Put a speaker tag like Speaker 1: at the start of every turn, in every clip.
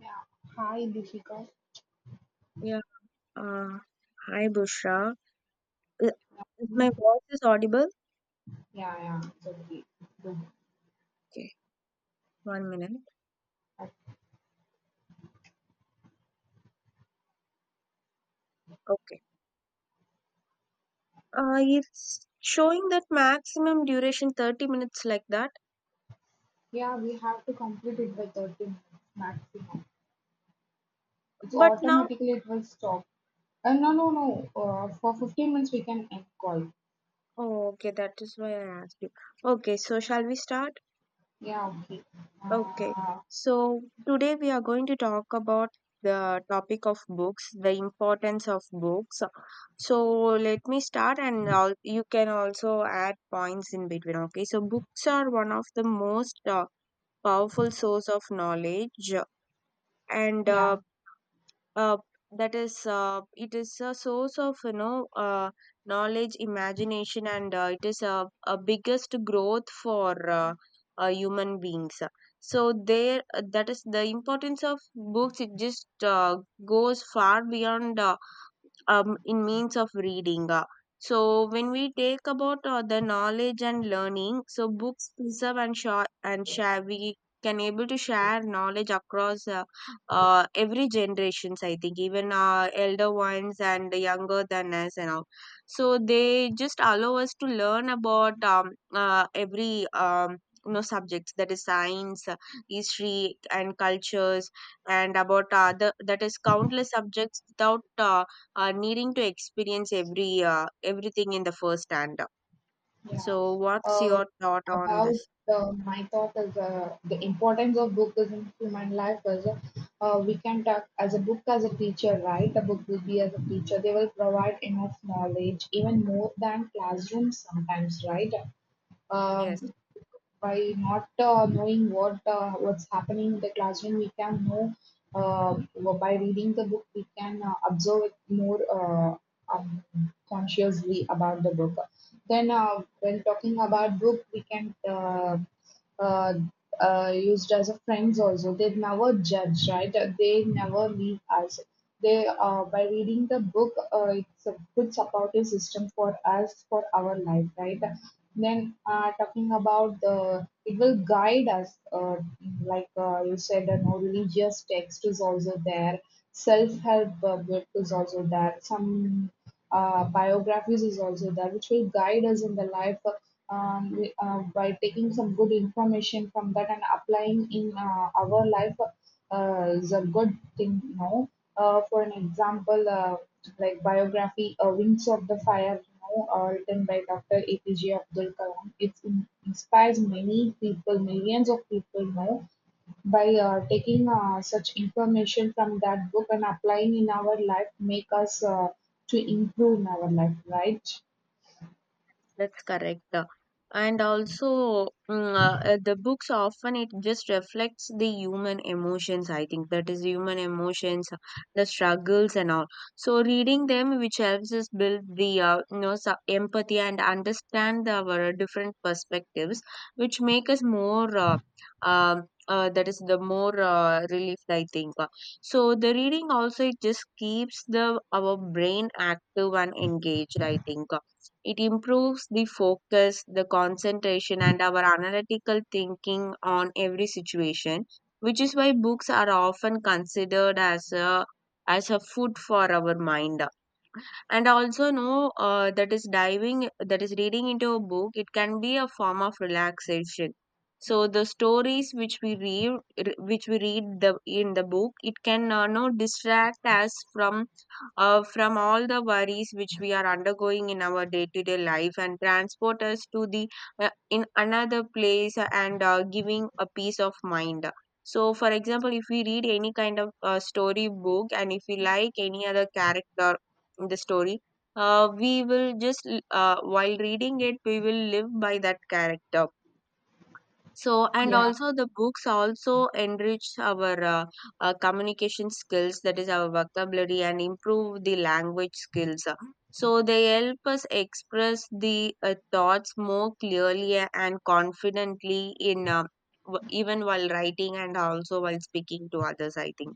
Speaker 1: Yeah. Hi, Dishika.
Speaker 2: Yeah. Uh, hi, Bushra. Uh, Is
Speaker 1: Hmm.
Speaker 2: my voice is audible?
Speaker 1: Yeah, yeah, it's okay. Good.
Speaker 2: Okay, 1 minute. Okay. It's showing that maximum duration 30 minutes like that.
Speaker 1: Yeah, we have to complete it by 30 minutes maximum. It's
Speaker 2: But now,
Speaker 1: automatically it will stop. No, no, no. For 15 minutes we can end call.
Speaker 2: oh, okay, that is why I asked you. Okay, so shall we start?
Speaker 1: Yeah, okay.
Speaker 2: Okay.
Speaker 1: Uh,
Speaker 2: So today we are going to talk about the topic of books, the importance of books. So let me start and all, you can also add points in between. Okay, so books are one of the most powerful source of knowledge and
Speaker 1: yeah.
Speaker 2: uh, that is it is a source of knowledge imagination and it is a biggest growth for human beings, so there, that is the importance of books, it just uh, goes far beyond in means of reading. So when we take about the knowledge and learning, so books preserve and share we can able to share knowledge across every generations. I think even elder ones and younger than us and all. So they just allow us to learn about every you know subjects, that is science, history, and cultures, and about that is countless subjects without needing to experience everything in the first hand.
Speaker 1: Yeah.
Speaker 2: So, what's
Speaker 1: Uh,
Speaker 2: your thought on
Speaker 1: about
Speaker 2: this?
Speaker 1: My thought is the importance of book is in human life is, we can talk as a book as a teacher, right? The book will be as a teacher. They will provide enough knowledge, even more than classrooms sometimes, right?
Speaker 2: Yes.
Speaker 1: Um, by not knowing what's happening in the classroom, we can know, uh, by reading the book. We can observe it more, um, consciously about the book. Then, when talking about book, we can. Uh, used as a friends also, they never judge, right? They never leave us. They, by reading the book, it's a good supportive system for us, for our life, right? Then, talking about the, it will guide us, like you said, no, religious text is also there, self-help book is also there, some biographies is also there, which will guide us in the life, by taking some good information from that and applying in our life is a good thing. For an example, like biography, "Wings of the Fire," written by Dr. APJ Abdul Kalam, it inspires many people, millions of people. By taking such information from that book and applying in our life make us to improve in our life, right?
Speaker 2: That's correct. And also, the books often it just reflects the human emotions. I think that is human emotions, the struggles and all. So reading them, which helps us build the empathy and understand our different perspectives, which make us more. Um that is the more relieved, I think. So the reading also it just keeps the our brain active and engaged, I think. It improves the focus, the concentration, and our analytical thinking on every situation, which is why books are often considered as a food for our mind. And also know that is reading into a book, it can be a form of relaxation. So the stories which we read the in the book, it can no distract us from all the worries which we are undergoing in our day to day life and transport us to the in another place and giving a peace of mind. So for example, if we read any kind of story book and if we like any other character, the story, we will just l- while reading it we will live by that character. So and
Speaker 1: Yeah.
Speaker 2: also the books also enrich our communication skills, that is our vocabulary, and improve the language skills. So they help us express the thoughts more clearly and confidently in even while writing and also while speaking to others, I think.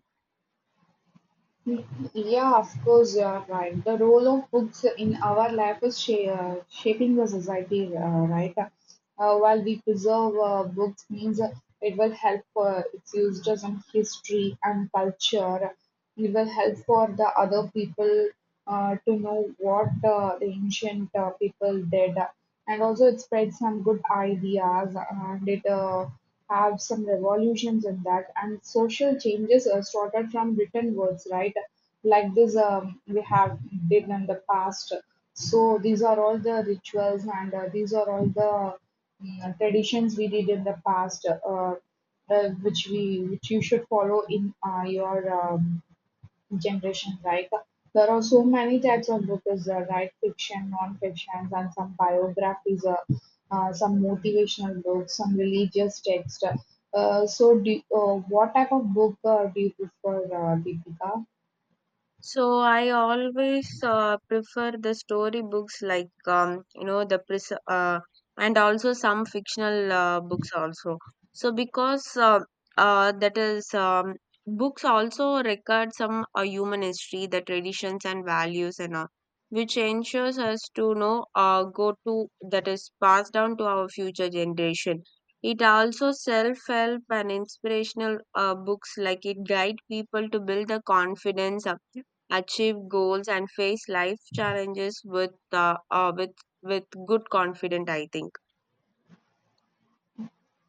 Speaker 1: Yeah, of course, you are right. The role of books in our life is shaping the society, right? While we preserve books means, it will help its users in history and culture. It will help for the other people to know what, the ancient people did, and also it spreads some good ideas and it. Have some revolutions in that, and social changes are started from written words, right? Like this, we have did in the past. So these are all the rituals and, these are all the, traditions we did in the past, uh, which we which you should follow in your, generation like. There are so many types of books, right? Fiction, non-fiction, and some biographies, some motivational books, some religious text. So, what type of book do you prefer, Deepika?
Speaker 2: So I always prefer the story books, like and also some fictional books also. So because that is books also record some human history, the traditions and values and all, which ensures us to know go to that is passed down to our future generation. It also self-help and inspirational books, like it guide people to build the confidence. Achieve goals and face life challenges with with good confidence, I think.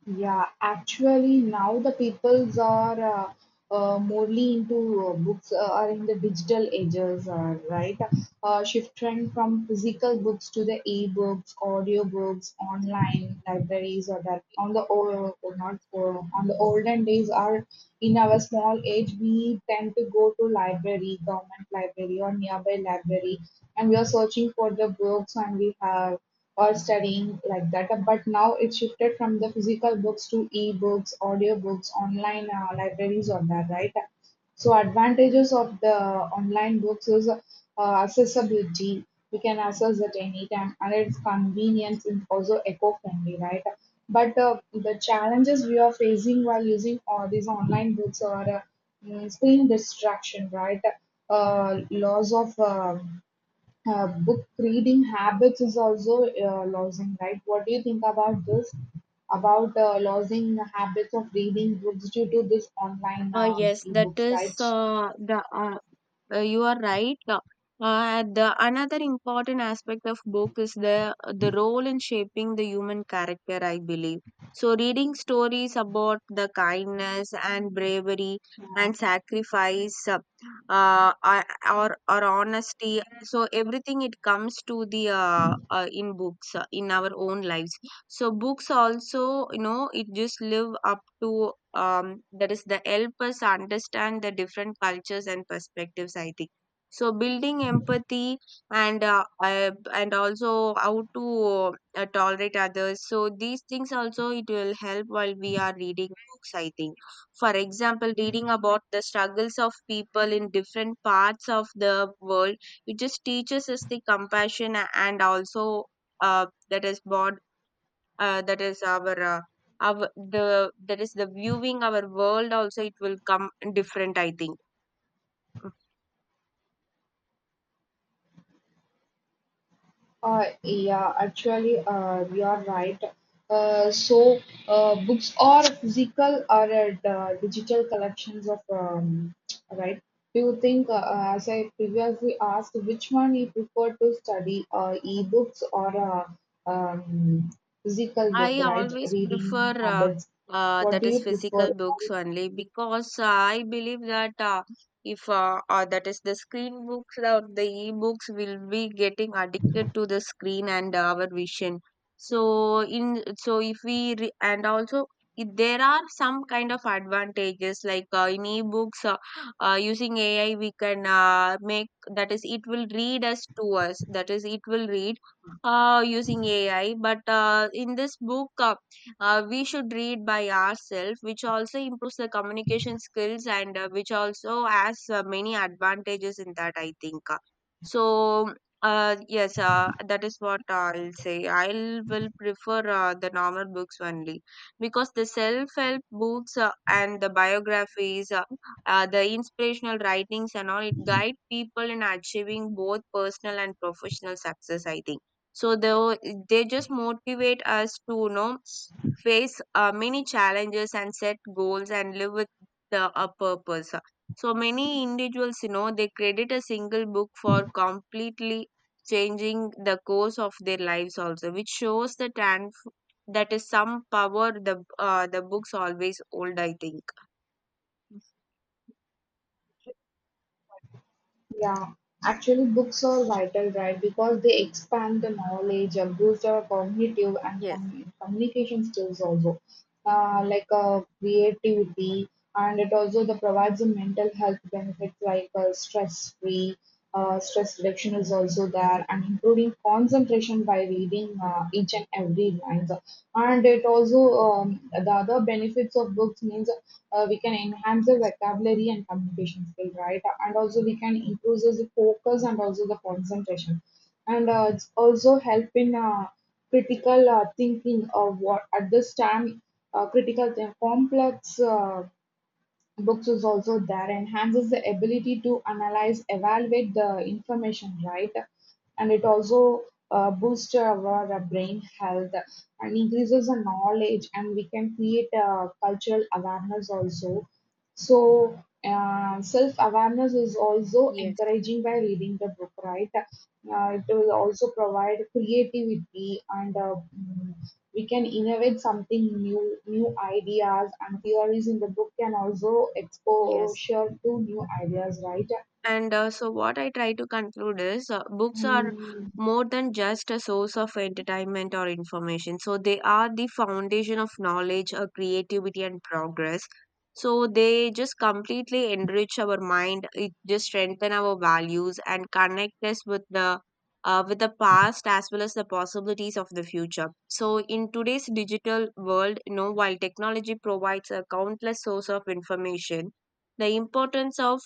Speaker 1: Yeah, actually, now the peoples are, morely into books, are in the digital ages, right? Shifting from physical books to the e-books, audio books, online libraries, or that. On the old or not, on the olden days are, in our small age we tend to go to library, government library or nearby library, and we are searching for the books and we have, or studying like that. But now it shifted from the physical books to e-books, audio books, online libraries or that, right? So advantages of the online books is, accessibility. We can access at any time, and its convenience and also eco-friendly, right? But the challenges we are facing while using all these online books are, screen distraction, right? Loss of, book reading habits is also losing, right? What do you think about this? About losing the habits of reading books due to this online
Speaker 2: Yes, that
Speaker 1: ebooks,
Speaker 2: is
Speaker 1: right?
Speaker 2: the uh, you are right. The another important aspect of book is the role in shaping the human character. I believe so. Reading stories about the kindness and bravery and sacrifice, uh, uh, or honesty. So everything it comes to the in books in our own lives. So books also, you know, it just live up to um, that is the help us understand the different cultures and perspectives, I think. So building empathy and also how to tolerate others, so these things also it will help while we are reading books, I think. For example, reading about the struggles of people in different parts of the world, it just teaches us the compassion, and also that is born that is our the that is the viewing our world also it will come different, I think.
Speaker 1: Yeah, actually, you are right. So, books are physical or digital collections of, right? Do you think, as I previously asked, which one you prefer to study, e-books or um, physical book,
Speaker 2: I
Speaker 1: right?
Speaker 2: always prefer
Speaker 1: Reading habits. What
Speaker 2: that
Speaker 1: do
Speaker 2: is
Speaker 1: you prefer?
Speaker 2: physical books only, because I believe that if that is the screen books or the e-books will be getting addicted to the screen and our vision. So in so if we re and also if there are some kind of advantages like in e-books, using AI we can make that is it will read us to us, that is it will read using AI. But in this book, we should read by ourselves, which also improves the communication skills, and which also has many advantages in that, I think. So, yes, that is what I'll say. I will prefer the normal books only, because the self-help books and the biographies, the inspirational writings and all, it guide people in achieving both personal and professional success, I think. So they were- they just motivate us to, you know, face many challenges and set goals and live with the a purpose. So many individuals, you know, they credit a single book for completely changing the course of their lives also, which shows the and that is some power the books always hold, I think.
Speaker 1: Yeah, actually, books are vital, right? Because they expand the knowledge, boost our cognitive and
Speaker 2: Yes,
Speaker 1: communication skills also, like creativity, and it also the provides a mental health benefits like, stress free, stress reduction is also there, and improving concentration by reading each and every line. And it also, the other benefits of books means, we can enhance the vocabulary and communication skill, right? And also we can improve the focus and also the concentration, and it's also help in, critical thinking of what at this time. Critical and complex books is also there, enhances the ability to analyze evaluate the information, right? And it also boosts our brain health, and increases the knowledge, and we can create cultural awareness also. So self awareness is also
Speaker 2: yes,
Speaker 1: encouraging by reading the book, right? It will also provide creativity and, we can innovate something new, new ideas and theories in the book can also
Speaker 2: yes.
Speaker 1: exposure to new ideas, right?
Speaker 2: And so, what I try to conclude is books are
Speaker 1: Mm,
Speaker 2: more than just a source of entertainment or information. So, they are the foundation of knowledge, creativity, and progress. So, they just completely enrich our mind, it just strengthen our values, and connect us with the past as well as the possibilities of the future. So, in today's digital world, you know, while technology provides a countless source of information, the importance of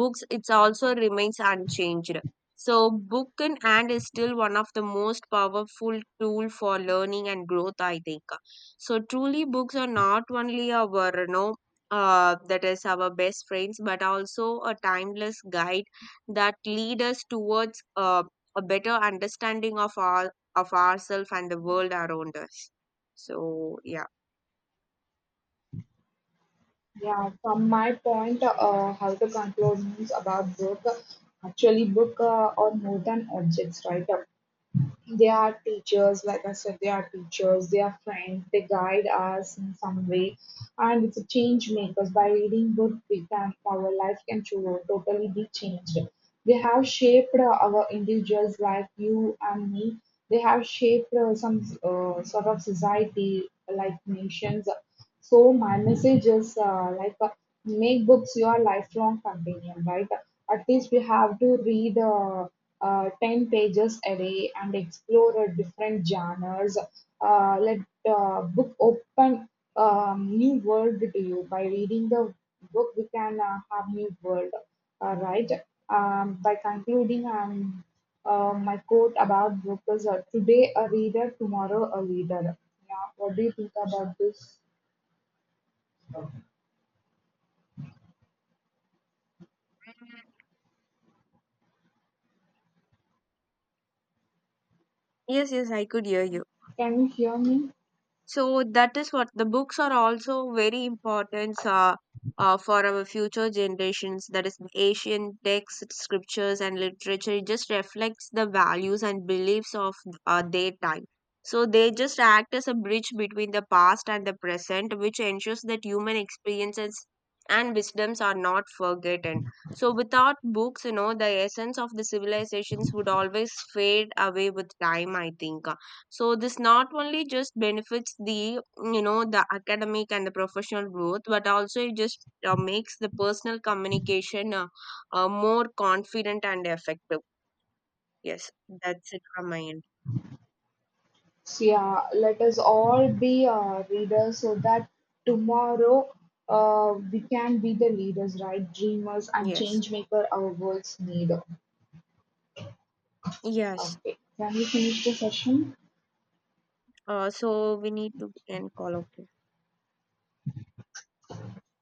Speaker 2: books it's also remains unchanged. So book in hand is still one of the most powerful tool for learning and growth, I think. So truly books are not only our, you know, that is our best friends, but also a timeless guide that lead us towards a better understanding of our of ourselves and the world around us. So yeah.
Speaker 1: yeah, from my point, how to conclude means about book. Actually, book are more than objects, right? They are teachers, like I said, they are teachers, they are friends, they guide us in some way, and it's a change makers. By reading good, we can our life can totally be changed. They have shaped our individuals like you and me. They have shaped some sort of society like nations. So my message is like, make books your lifelong companion, right? At least we have to read, 10 pages a day and explore different genres. Let book open, new world to you. By reading the book, we can have new world, right? By concluding, my quote about book is, today a reader, tomorrow a leader. Yeah, what do you think about this?
Speaker 2: Yes, yes, I could hear you.
Speaker 1: Can you hear me?
Speaker 2: So that is what the books are also very important for our future generations. That is, ancient texts, scriptures, and literature. It just reflects the values and beliefs of their time. So they just act as a bridge between the past and the present, which ensures that human experiences and wisdoms are not forgotten. So without books, you know, the essence of the civilizations would always fade away with time. I think. So this not only just benefits the, you know, the academic and the professional growth, but also it just makes the personal communication more confident and effective. Yes, that's it from my end.
Speaker 1: Yeah, let us all be readers, so that tomorrow we can be the leaders, right? Dreamers and
Speaker 2: Yes,
Speaker 1: change maker our worlds need.
Speaker 2: yes.
Speaker 1: Okay, can we finish the session?
Speaker 2: So we need to end call. Okay.